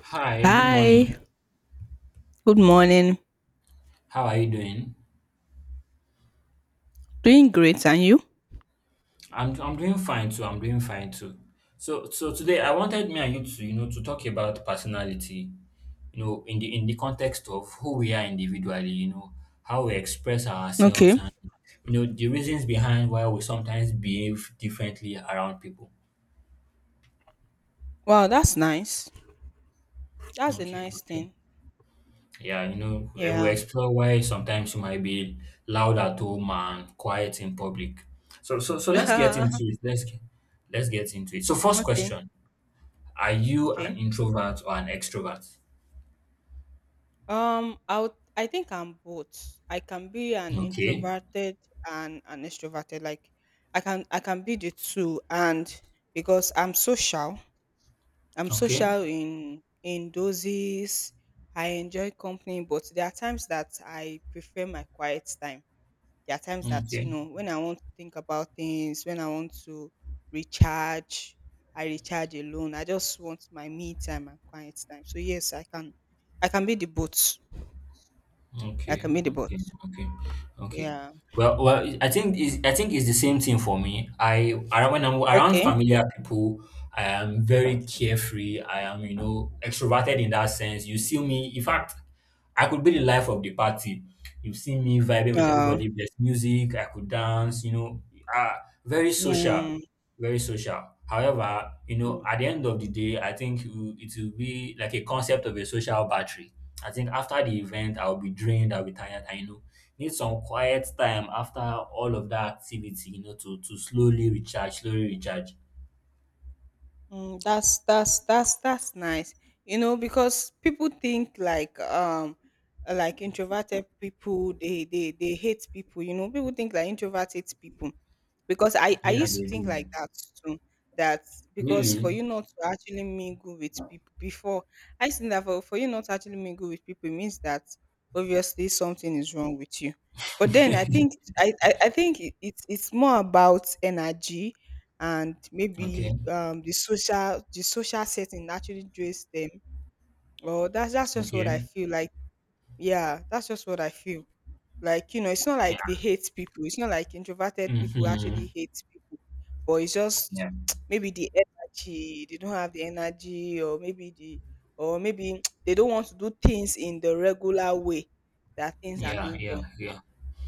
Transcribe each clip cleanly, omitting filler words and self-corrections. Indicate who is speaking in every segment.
Speaker 1: Hi, good
Speaker 2: Hi,
Speaker 1: morning.
Speaker 2: good morning.
Speaker 1: How are you doing?
Speaker 2: Doing great, and you?
Speaker 1: I'm doing fine too. I'm doing fine too. So today I wanted me and you to to talk about personality, you know, in the context of who we are individually, you know, how we express ourselves
Speaker 2: Okay.
Speaker 1: and you know the reasons behind why we sometimes behave differently around people.
Speaker 2: Wow, that's nice. That's a
Speaker 1: Okay,
Speaker 2: nice
Speaker 1: okay.
Speaker 2: thing.
Speaker 1: Yeah, you know, we will
Speaker 2: Yeah.
Speaker 1: explore why sometimes you might be loud at home and quiet in public. So let's get into
Speaker 2: okay.
Speaker 1: it. Let's get into it. So, first question: Are you an
Speaker 2: Okay.
Speaker 1: introvert or an extrovert?
Speaker 2: I would, I think I'm both. I can be an
Speaker 1: Okay,
Speaker 2: introverted and an extroverted. Like, I can be the two, and because I'm
Speaker 1: okay,
Speaker 2: social in doses. I enjoy company, but there are times that I prefer my quiet time. There are times that, you
Speaker 1: okay.
Speaker 2: know, when I want to think about things, when I want to recharge, I recharge alone. I just want my me time and quiet time. So yes, I can be the boat. I
Speaker 1: Okay,
Speaker 2: can be the boat.
Speaker 1: okay, okay, okay.
Speaker 2: Yeah.
Speaker 1: Well, well, I think is I think it's the same thing for me. I around when I'm around
Speaker 2: Okay.
Speaker 1: familiar people, I am very carefree. I am, you know, extroverted in that sense. You see me, in fact, I could be the life of the party. You see me vibing with
Speaker 2: Uh,
Speaker 1: everybody. There's music. I could dance. You know, uh, very social
Speaker 2: mm,
Speaker 1: very social. However, you know,
Speaker 2: mm.
Speaker 1: at the end of the day, I think it will be like a concept of a social battery. I think after the event, I'll be drained, I'll be tired, I know. Need some quiet time after all of that activity, you know, to slowly recharge, slowly recharge.
Speaker 2: That's nice. You know, because people think like introverted people they hate people. You know, people think like introvert hates people because I
Speaker 1: Yeah,
Speaker 2: used to
Speaker 1: they
Speaker 2: think
Speaker 1: do.
Speaker 2: like that too. That because for
Speaker 1: Really?
Speaker 2: you not to actually mingle with people before, I used to think that for you not to actually mingle with people it means that obviously something is wrong with you. But then I think I think it's more about energy and
Speaker 1: Okay,
Speaker 2: maybe the social setting actually drains them or that's just what I
Speaker 1: okay.
Speaker 2: feel like, yeah, that's just what I feel like. You know, it's not
Speaker 1: Yeah.
Speaker 2: like they hate people, it's not like introverted people
Speaker 1: hmm
Speaker 2: actually hate people, but it's just
Speaker 1: Yeah,
Speaker 2: maybe the energy, they don't have the energy, or maybe the or maybe they don't want to do things in the regular way that things are
Speaker 1: yeah,
Speaker 2: being
Speaker 1: yeah,
Speaker 2: done.
Speaker 1: yeah.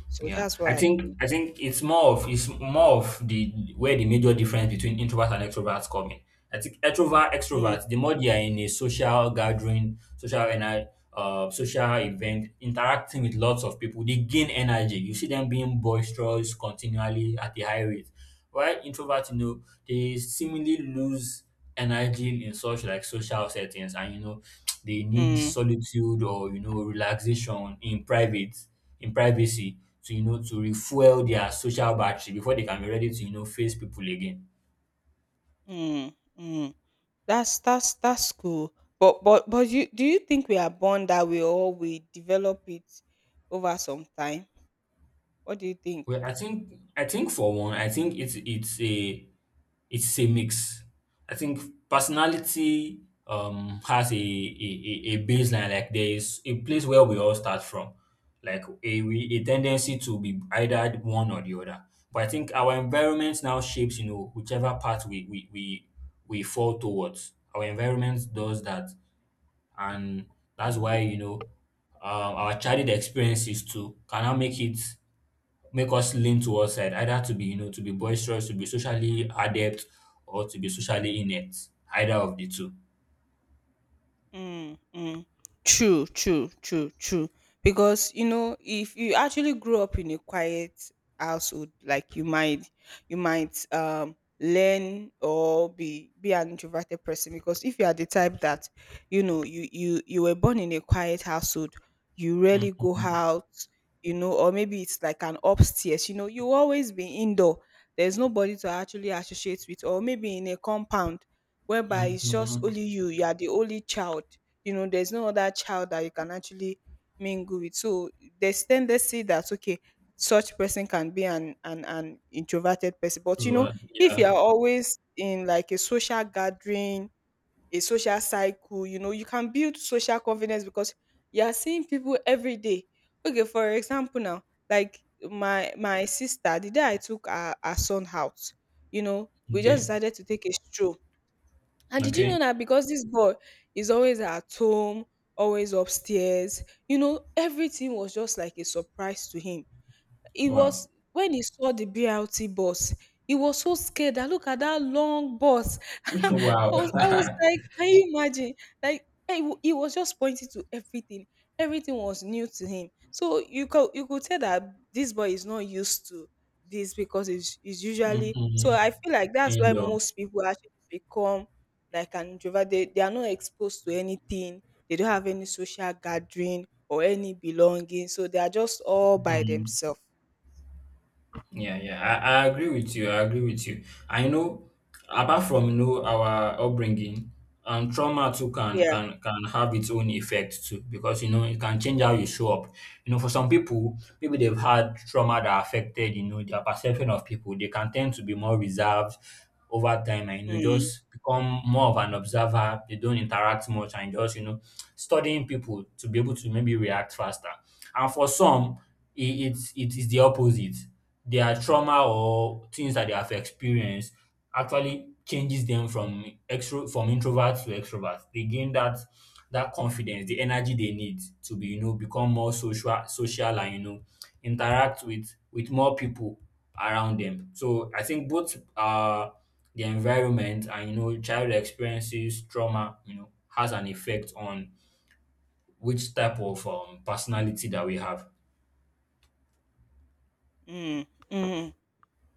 Speaker 2: So
Speaker 1: Yeah,
Speaker 2: that's what
Speaker 1: I
Speaker 2: I feel.
Speaker 1: think it's more of the where the major difference between introverts and extroverts come in. I think introvert
Speaker 2: mm,
Speaker 1: extroverts the more they are in a social gathering, social event, interacting with lots of people, they gain energy. You see them being boisterous continually at a high rate. While introverts, you know, they seemingly lose energy in such like social settings, and you know they need
Speaker 2: mm,
Speaker 1: solitude or you know relaxation in privacy to you know to refuel their social battery before they can be ready to you know face people again.
Speaker 2: mm, mm. That's cool. But you, do you think we are born that way or we develop it over some time? What do you think?
Speaker 1: Well, I think for one, I think it's a mix. I think personality has a baseline. Like there is a place where we all start from, like a tendency to be either one or the other. But I think our environment now shapes you know whichever path we fall towards. Our environment does that, and that's why
Speaker 2: Mm.
Speaker 1: you know our childhood experiences too can now make us lean towards side, either to be, you know, to be boisterous, to be socially adept, or to be socially inept. Either of the 2.
Speaker 2: Mm. True. Because you know, if you actually grow up in a quiet household, like you might learn or be an introverted person. Because if you are the type that, you know, you were born in a quiet household, you rarely go
Speaker 1: Mhm.
Speaker 2: out, you know, or maybe it's like an upstairs. You know, you always be indoor. There's nobody to actually associate with, or maybe in a compound whereby it's just
Speaker 1: Mhm.
Speaker 2: only you, you are the only child. You know, there's no other child that you can actually mingle with. So there's tendency that okay, such person can be an introverted person. But you know,
Speaker 1: Right.
Speaker 2: if you
Speaker 1: Yeah.
Speaker 2: are always in like a social gathering, a social cycle, you know, you can build social confidence because you are seeing people every day. Okay, for example now, like my sister, the day I took our son out, you know, we just
Speaker 1: Okay.
Speaker 2: decided to take a stroll and did you know
Speaker 1: Okay.
Speaker 2: that because this boy is always at home, always upstairs, you know, everything was just like a surprise to him. He
Speaker 1: Wow.
Speaker 2: was When he saw the BRT bus, he was so scared that look at that long bus. I
Speaker 1: Wow.
Speaker 2: I was like, "Can you imagine?" Like, he was just pointing to everything. Everything was new to him. So you could tell that this boy is not used to this because it's he's usually
Speaker 1: Mhm.
Speaker 2: so I feel like that's why
Speaker 1: Indoor.
Speaker 2: most people actually become like an introvert. They are not exposed to anything. They don't have any social gathering or any belonging. So they are just all by
Speaker 1: Mhm.
Speaker 2: themselves.
Speaker 1: Yeah, yeah, I agree with you. I agree with you. I know, apart from you know our upbringing, trauma too can
Speaker 2: Yeah.
Speaker 1: can can have its own effect too because you know it can change how you show up. You know, for some people, maybe they've had trauma that affected you know their perception of people. They can tend to be more reserved over time, and you know
Speaker 2: Mm,
Speaker 1: just become more of an observer. They don't interact much and just you know studying people to be able to maybe react faster. And for some, it, it's it is the opposite. Their trauma or things that they have experienced actually changes them from extro from introvert to extrovert. They gain that confidence, the energy they need to be, you know, become more social, and you know, interact with more people around them. So I think both the environment and you know child experiences, trauma, you know, has an effect on which type of personality that we have.
Speaker 2: mm, mm,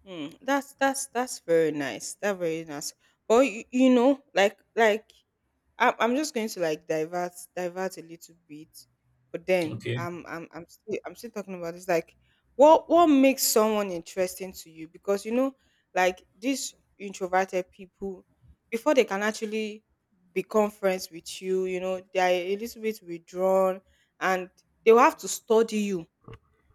Speaker 2: mm. That's very nice. That's very nice. But you know, like I'm just going to like divert a little bit, but then
Speaker 1: Okay.
Speaker 2: I'm still talking about this. Like, what makes someone interesting to you? Because you know, like these introverted people, before they can actually become friends with you, you know, they are a little bit withdrawn, and they will have to study you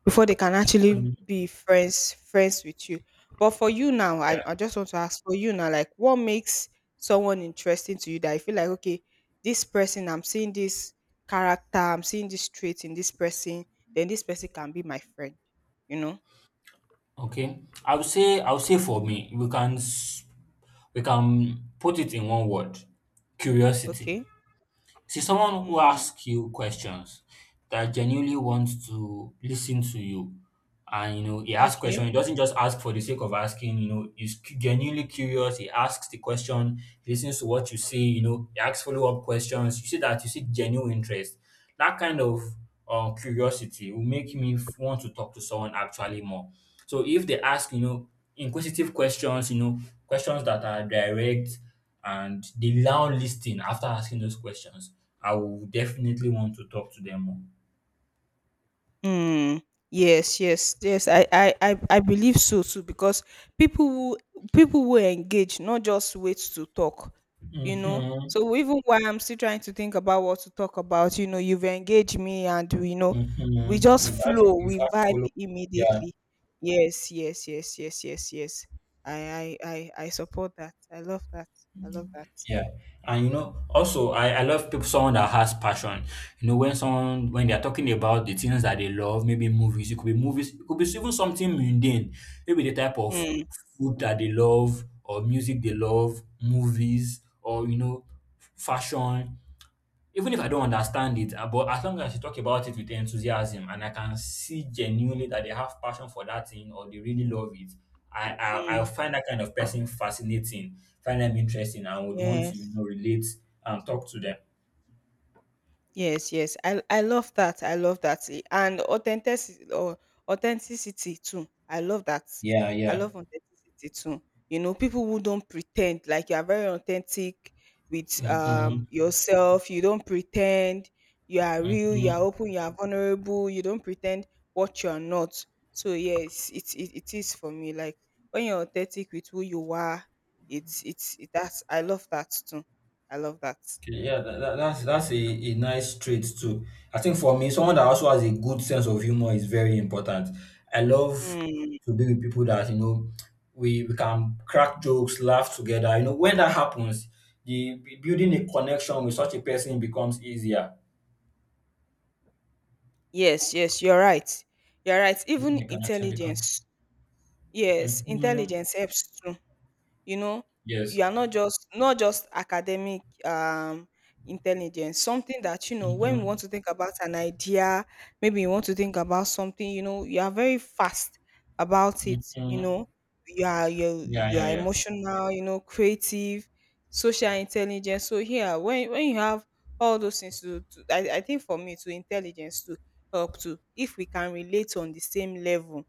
Speaker 2: before they can actually
Speaker 1: Mm.
Speaker 2: be friends with you. But for you now, I just want to ask, for you now, like what makes someone interesting to you that you feel like okay, this person I'm seeing, this character I'm seeing, this trait in this person, then this person can be my friend, you know.
Speaker 1: Okay. I would say for me, we can we can put it in one word. Curiosity.
Speaker 2: Okay.
Speaker 1: See someone who
Speaker 2: mm,
Speaker 1: asks you questions that genuinely wants to listen to you, and you know he asks
Speaker 2: okay.
Speaker 1: question. He doesn't just ask for the sake of asking. You know, he's genuinely curious. He asks the question, he listens to what you say. You know, he asks follow-up questions. You see that, you see genuine interest. That kind of curiosity will make me want to talk to someone actually more. So if they ask you know inquisitive questions, you know questions that are direct, and they now listen after asking those questions, I will definitely want to talk to them more.
Speaker 2: Mm, yes, yes, yes. I believe so too because people who people will engage, not just wait to talk, you know.
Speaker 1: Mhm.
Speaker 2: So even while I'm still trying to think about what to talk about, you know, you've engaged me and you know, we
Speaker 1: Mhm.
Speaker 2: just flow,
Speaker 1: You've
Speaker 2: we
Speaker 1: asked
Speaker 2: vibe
Speaker 1: follow. Yeah,
Speaker 2: immediately. Yes, yes, yes, yes, yes, yes. I support that. I love that. I love that.
Speaker 1: yeah. And you know, also I love people, someone that has passion. You know, when someone when they're talking about the things that they love, maybe movies, it could be movies, it could be even something mundane, maybe the type of
Speaker 2: Mm,
Speaker 1: food that they love or music they love, movies, or you know, fashion. Even if I don't understand it, but as long as you talk about it with enthusiasm and I can see genuinely that they have passion for that thing or they really love it, I
Speaker 2: mm,
Speaker 1: find that kind of person fascinating, find them interesting, and would want to you
Speaker 2: yes.
Speaker 1: know relate and talk to them.
Speaker 2: Yes, yes. I love that. I love that. And authenticity or authenticity too. I love that.
Speaker 1: Yeah,
Speaker 2: I
Speaker 1: yeah.
Speaker 2: love authenticity too. You know, people who don't pretend, like you are very authentic with
Speaker 1: hmm
Speaker 2: yourself. You don't pretend. You are real. You are
Speaker 1: hmm
Speaker 2: open. You are vulnerable. You don't pretend what you are not. So yes, it is for me. Like when you're authentic with who you are, that's, I love that too. I love that.
Speaker 1: Okay, yeah, that's a nice trait too. I think for me, someone that also has a good sense of humor is very important. I love
Speaker 2: Mm.
Speaker 1: to be with people that you know we can crack jokes, laugh together. You know, when that happens, the building a connection with such a person becomes easier.
Speaker 2: Yes, yes, you're right. You're right. Even
Speaker 1: The connection becomes.
Speaker 2: intelligence. Yes,
Speaker 1: Hmm
Speaker 2: intelligence helps too, you know.
Speaker 1: Yes.
Speaker 2: You are not just academic intelligence, something that you know when we want
Speaker 1: Mm-hmm.
Speaker 2: to think about an idea, maybe you want to think about something, you know, you are very fast about it, you
Speaker 1: Mm-hmm.
Speaker 2: know, you
Speaker 1: Yeah,
Speaker 2: you
Speaker 1: yeah,
Speaker 2: are
Speaker 1: yeah.
Speaker 2: emotional, you know, creative, social intelligence. So here when you have all those things to, I think for me to intelligence to help to if we can relate on the same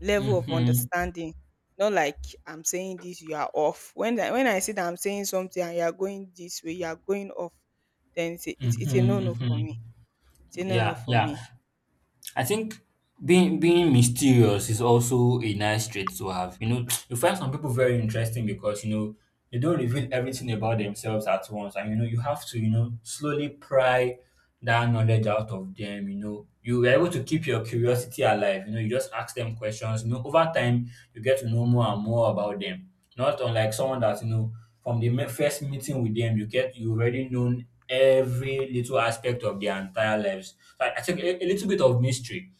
Speaker 2: level of
Speaker 1: Mm-hmm.
Speaker 2: understanding. Not like I'm saying this, you are off. When I say that I'm saying something and you are going this way, you are going off, then
Speaker 1: Mm-hmm.
Speaker 2: it's a no no for
Speaker 1: Mm-hmm.
Speaker 2: me. It's a no no
Speaker 1: Yeah,
Speaker 2: for
Speaker 1: yeah.
Speaker 2: me.
Speaker 1: I think being mysterious is also a nice trait to have. You know, you find some people very interesting because you know they don't reveal everything about themselves at once, and you know you have to you know slowly pry that knowledge out of them. You know, you are able to keep your curiosity alive. You know, you just ask them questions. You know, over time you get to know more and more about them. Not unlike someone that you know from the first meeting with them, you get you already known every little aspect of their entire lives. So I think a little bit of mystery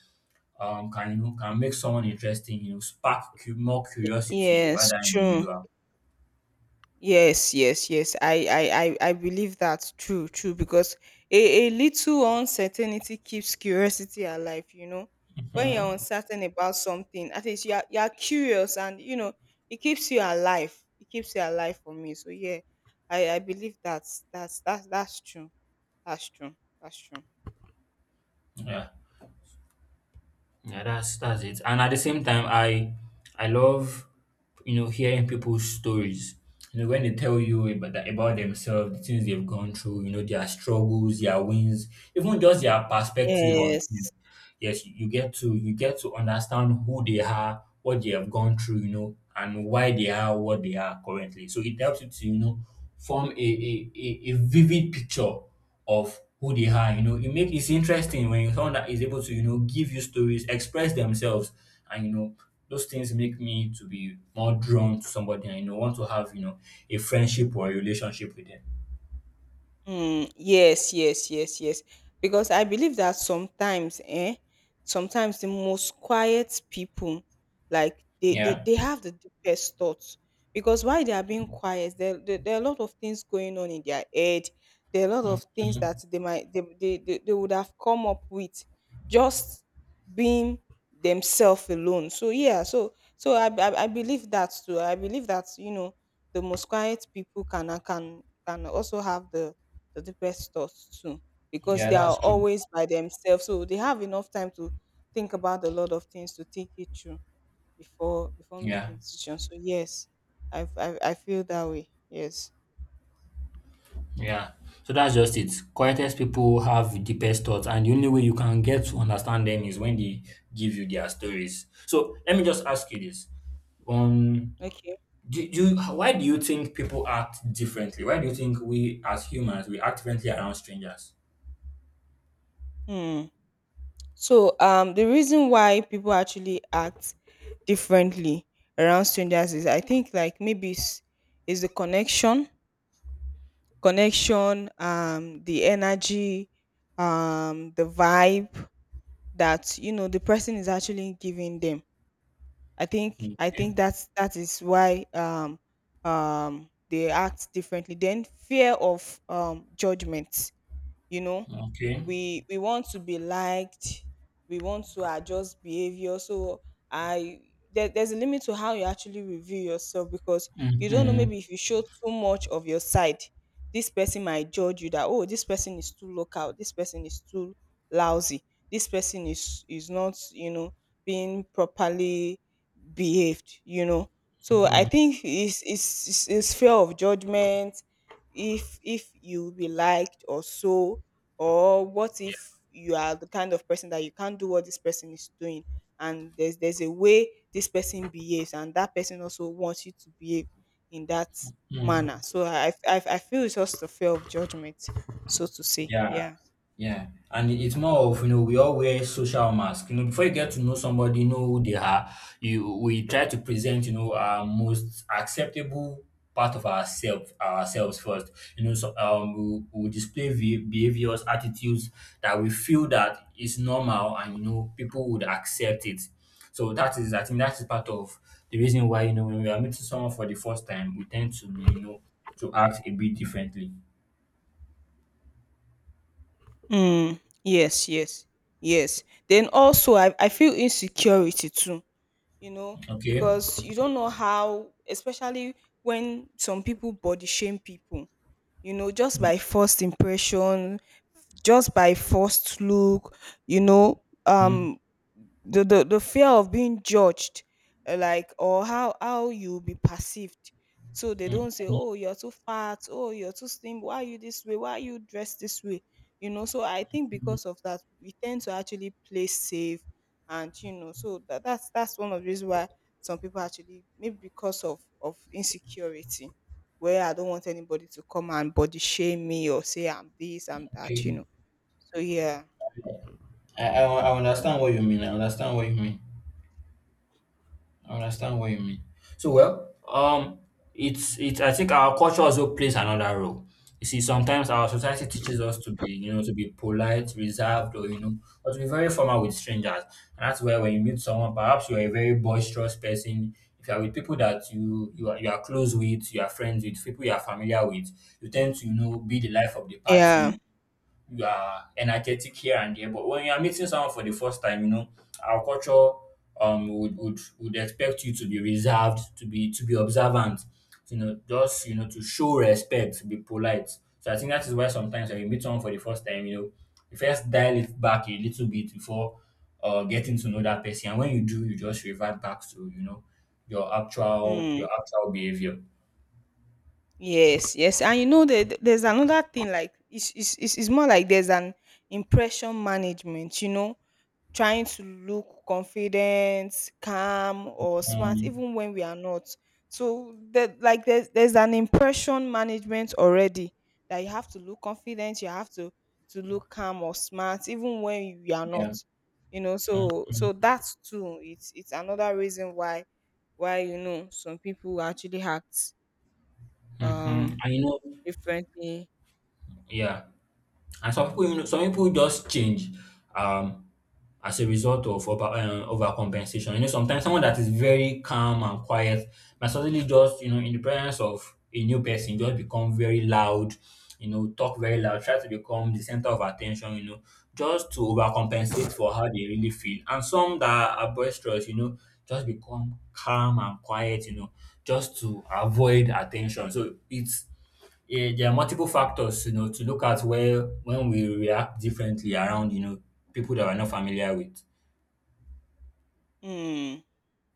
Speaker 1: can you know can make someone interesting, you know, spark more curiosity about
Speaker 2: Yes,
Speaker 1: that
Speaker 2: true.
Speaker 1: individual.
Speaker 2: Yes, yes, yes. I believe that's true, true. Because a little uncertainty keeps curiosity alive. You know, when you're
Speaker 1: Hmm
Speaker 2: uncertain about something, at least you're curious, and you know, it keeps you alive. It keeps you alive for me. So yeah, I believe that's that's true. That's true. That's true.
Speaker 1: Yeah, yeah, that's it. And at the same time, I love you know hearing people's stories. You know, when they tell you about that, about themselves, the things they've gone through, you know their struggles, their wins, even just their perspective on things.
Speaker 2: Yes.
Speaker 1: Yes, you get to understand who they are, what they have gone through, you know, and why they are what they are currently. So it helps you to, you know, form a vivid picture of who they are. You know, it's interesting when someone that is able to, you know, give you stories, express themselves, and you know, those things make me to be more drawn to somebody and you know want to have, you know, a friendship or a relationship with them.
Speaker 2: Yes, yes, yes, yes. Because I believe that sometimes, sometimes the most quiet people, like
Speaker 1: Yeah.
Speaker 2: they have the deepest thoughts. Because while they are being quiet, there are a lot of things going on in their head. There are a lot of things that
Speaker 1: Mhm.
Speaker 2: they might they would have come up with just being themselves alone. So yeah, so so I believe that too. I believe that you know the most quiet people can also have the deepest thoughts too, because
Speaker 1: Yeah,
Speaker 2: they are
Speaker 1: that's true.
Speaker 2: always by themselves. So they have enough time to think about a lot of things, to think it through before
Speaker 1: Yeah.
Speaker 2: making decisions. So yes, I feel that way. Yes.
Speaker 1: Yeah. So that's just it. Quietest people have deepest thoughts, and the only way you can get to understand them is when they give you their stories. So let me just ask you this: Um,
Speaker 2: Okay.
Speaker 1: do you, why do you think people act differently? Why do you think we as humans we act differently around strangers?
Speaker 2: Hmm. So the reason why people actually act differently around strangers is I think like maybe is the connection, connection, the energy, the vibe that you know the person is actually giving them.
Speaker 1: Okay.
Speaker 2: I think that's, that is why they act differently. Then fear of judgment, you know,
Speaker 1: Okay.
Speaker 2: we want to be liked, we want to adjust behavior. So I there's a limit to how you actually review yourself because you don't know,
Speaker 1: Mm-hmm.
Speaker 2: maybe if you show too much of your side, this person might judge you that, oh, this person is too local, this person is too lousy, this person is not, you know, being properly behaved, you know. So I think it's fear of judgment, if you will be liked or so, or what if you are the kind of person that you can't do what this person is doing, and there's a way this person behaves and that person also wants you to behave in that manner.
Speaker 1: Mm-hmm.
Speaker 2: So I feel it's just a fear of judgment, so to say.
Speaker 1: Yeah.
Speaker 2: Yeah.
Speaker 1: Yeah, and it's more of you know we all wear social mask. You know, before you get to know somebody, you know who they are. You we try to present you know our most acceptable part of ourselves first. You know, so we display behaviors, attitudes that we feel that is normal, and you know people would accept it. So that is, I think, that is part of the reason why you know when we are meeting someone for the first time, we tend to be you know to act a bit differently.
Speaker 2: Yes, yes, yes. Then also, I feel insecurity too, you know,
Speaker 1: Okay.
Speaker 2: because you don't know how, especially when some people body shame people, you know, just by first impression, just by first look, you know,
Speaker 1: Mm,
Speaker 2: the fear of being judged, like or how you be perceived. So they
Speaker 1: mm.
Speaker 2: don't say, "Oh, you're too fat. Oh, you're too slim. Why are you this way? Why are you dressed this way?" You know. So I think because of that, we tend to actually play safe, and you know, so that, that's one of the reasons why some people actually maybe because of insecurity, where I don't want anybody to come and body shame me or say I'm this, I'm that, you
Speaker 1: Okay.
Speaker 2: know. So yeah.
Speaker 1: I understand what you mean. I understand what you mean. I understand what you mean. So well, it's it's. I think our culture also plays another role. You see, sometimes our society teaches us to be, you know, to be polite, reserved, or you know, or to be very formal with strangers. And that's where when you meet someone, perhaps you are a very boisterous person. If you are with people that you are, you are close with, you are friends with, people you are familiar with, you tend to, you know, be the life of the
Speaker 2: Yeah.
Speaker 1: party. You are energetic here and there. But when you are meeting someone for the first time, you know, our culture would, would expect you to be reserved, to be observant, you know, just, you know, to show respect, to be polite. So I think that is why sometimes when you meet someone for the first time, you know, you first dial it back a little bit before getting to know that person. And when you do, you just revert back to, you know, your actual your
Speaker 2: Mm.
Speaker 1: actual behavior.
Speaker 2: Yes. Yes. And you know that there's another thing, like it's more like there's an impression management. You know, trying to look confident, calm, or smart,
Speaker 1: Um,
Speaker 2: even when we are not. So that like there's an impression management already that you have to look confident, you have to look calm or smart, even when you are not.
Speaker 1: yeah.
Speaker 2: You know, so so that's too. It's another reason why you know some people actually act
Speaker 1: Mm-hmm.
Speaker 2: um
Speaker 1: And you know,
Speaker 2: differently.
Speaker 1: yeah. And some people, you know, some people just change um, as a result of overcompensation. You know, sometimes someone that is very calm and quiet might suddenly just, you know, in the presence of a new person, just become very loud, you know, talk very loud, try to become the center of attention, you know, just to overcompensate for how they really feel. And some that are boisterous, you know, just become calm and quiet, you know, just to avoid attention. So it's, yeah, there are multiple factors, you know, to look at where when we react differently around, you know, people that we're not familiar with.
Speaker 2: Hmm.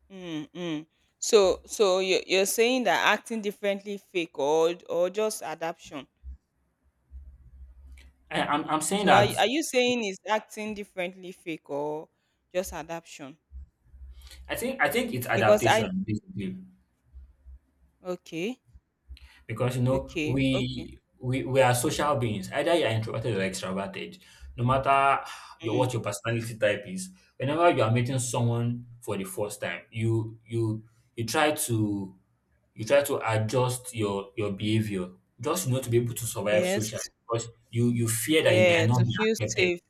Speaker 2: Mm, mm. So, so you're saying that acting differently fake or just adaption.
Speaker 1: I'm saying
Speaker 2: So,
Speaker 1: that
Speaker 2: are you saying is acting differently fake or just adaption?
Speaker 1: I think it's
Speaker 2: Because I,
Speaker 1: adaptation, basically.
Speaker 2: okay,
Speaker 1: Because you know
Speaker 2: okay, okay.
Speaker 1: we are social beings. Either you are introverted or extroverted. No matter your,
Speaker 2: Mm.
Speaker 1: what your personality type is, whenever you are meeting someone for the first time, you try to, you try to adjust your behavior, just, you know, to be able to survive socially
Speaker 2: Yes,
Speaker 1: because you fear that you may
Speaker 2: yeah.
Speaker 1: not
Speaker 2: To
Speaker 1: be
Speaker 2: feel
Speaker 1: accepted.
Speaker 2: safe.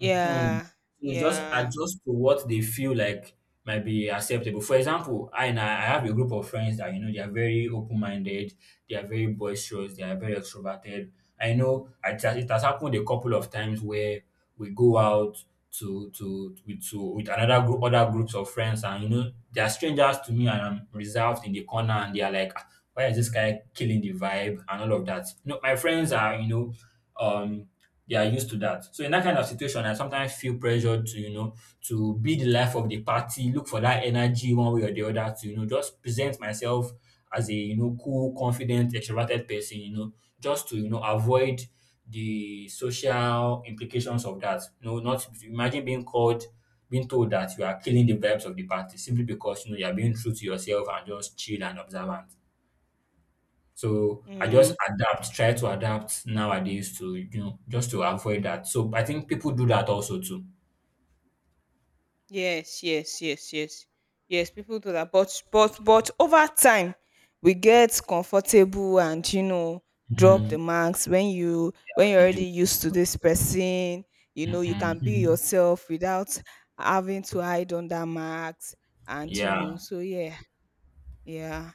Speaker 1: Hmm. So just
Speaker 2: yeah.
Speaker 1: adjust to what they feel like might be acceptable. For example, I and I I have a group of friends that, you know, they are very open minded, they are very boisterous, they are very extroverted. I know it has happened a couple of times where we go out to with another group, other groups of friends, and you know they are strangers to me, and I'm reserved in the corner, and they are like, "Ah, why is this guy killing the vibe?" and all of that. You know, my friends are, you know, um they are used to that. So in that kind of situation, I sometimes feel pressured to, you know, to be the life of the party, look for that energy one way or the other to, you know, just present myself as a, you know, cool, confident, extroverted person, you know, just to, you know, avoid the social implications of that. You know, not imagine being called, being told that you are killing the vibes of the party simply because, you know, you are being true to yourself and just chill and observant. So I
Speaker 2: Mm.
Speaker 1: just adapt, try to adapt nowadays to, you know, just to avoid that. So I think people do that also too.
Speaker 2: Yes, yes, yes, yes. Yes, people do that. But over time we get comfortable and you know drop the
Speaker 1: Mm,
Speaker 2: marks when you when you're
Speaker 1: we
Speaker 2: already
Speaker 1: do.
Speaker 2: used to this person, you know, you can be
Speaker 1: Mhm.
Speaker 2: yourself without having to hide under marks, and you know,
Speaker 1: Yeah,
Speaker 2: so yeah, yeah.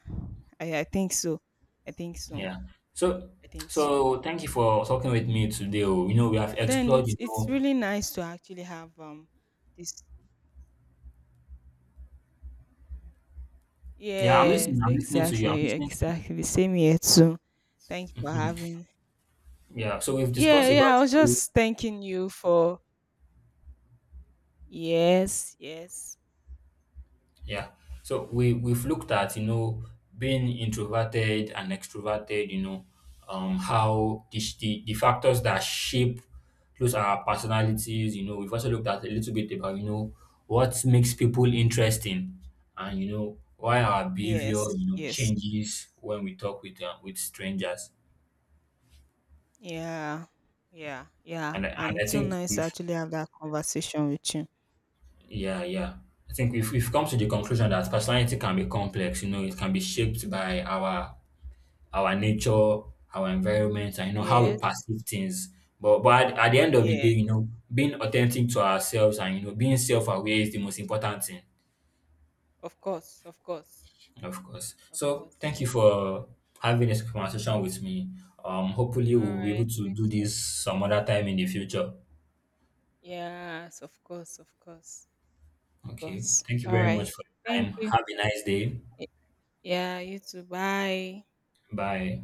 Speaker 2: I think so. I think so.
Speaker 1: yeah. So,
Speaker 2: I think so.
Speaker 1: so thank you for talking with me today. Oh. You know, we have
Speaker 2: But then
Speaker 1: explored. You
Speaker 2: it's
Speaker 1: know,
Speaker 2: really nice to actually have this.
Speaker 1: yeah, I'm
Speaker 2: Yes,
Speaker 1: listening. I'm listening to you. I'm
Speaker 2: exactly,
Speaker 1: listening to you.
Speaker 2: exactly. Same here too. Thanks for
Speaker 1: Mhm.
Speaker 2: having.
Speaker 1: Yeah. So we've
Speaker 2: Yeah,
Speaker 1: discussed
Speaker 2: yeah.
Speaker 1: about,
Speaker 2: I was just thanking you for yes, yes,
Speaker 1: yeah. So we we've looked at, you know, being introverted and extroverted, you know, how the factors that shape those, our personalities, you know, we've also looked at a little bit about, you know, what makes people interesting, and you know why our behavior,
Speaker 2: yes,
Speaker 1: you know,
Speaker 2: yes.
Speaker 1: changes when we talk with strangers.
Speaker 2: Yeah, yeah, yeah.
Speaker 1: And I, and
Speaker 2: And
Speaker 1: I
Speaker 2: so
Speaker 1: think
Speaker 2: nice to
Speaker 1: we've,
Speaker 2: actually have that conversation with you.
Speaker 1: yeah, yeah. I think we've come to the conclusion that personality can be complex, you know, it can be shaped by our nature, our environment, and you know how we
Speaker 2: Yes,
Speaker 1: perceive things. But at the end of the day,
Speaker 2: yeah.
Speaker 1: you know, being authentic to ourselves and you know being self-aware is the most important thing,
Speaker 2: Of course, of course,
Speaker 1: of course.
Speaker 2: of
Speaker 1: So
Speaker 2: course.
Speaker 1: thank you for having this conversation with me. Hopefully
Speaker 2: All
Speaker 1: we'll be
Speaker 2: right,
Speaker 1: able to
Speaker 2: me
Speaker 1: do
Speaker 2: too.
Speaker 1: this some other time in the future.
Speaker 2: Yes, of course, of course, of
Speaker 1: Okay.
Speaker 2: course.
Speaker 1: Thank you
Speaker 2: All
Speaker 1: very much
Speaker 2: right.
Speaker 1: for your
Speaker 2: Thank
Speaker 1: time.
Speaker 2: you.
Speaker 1: Have a nice day.
Speaker 2: Y- Yeah, you too. Bye.
Speaker 1: Bye.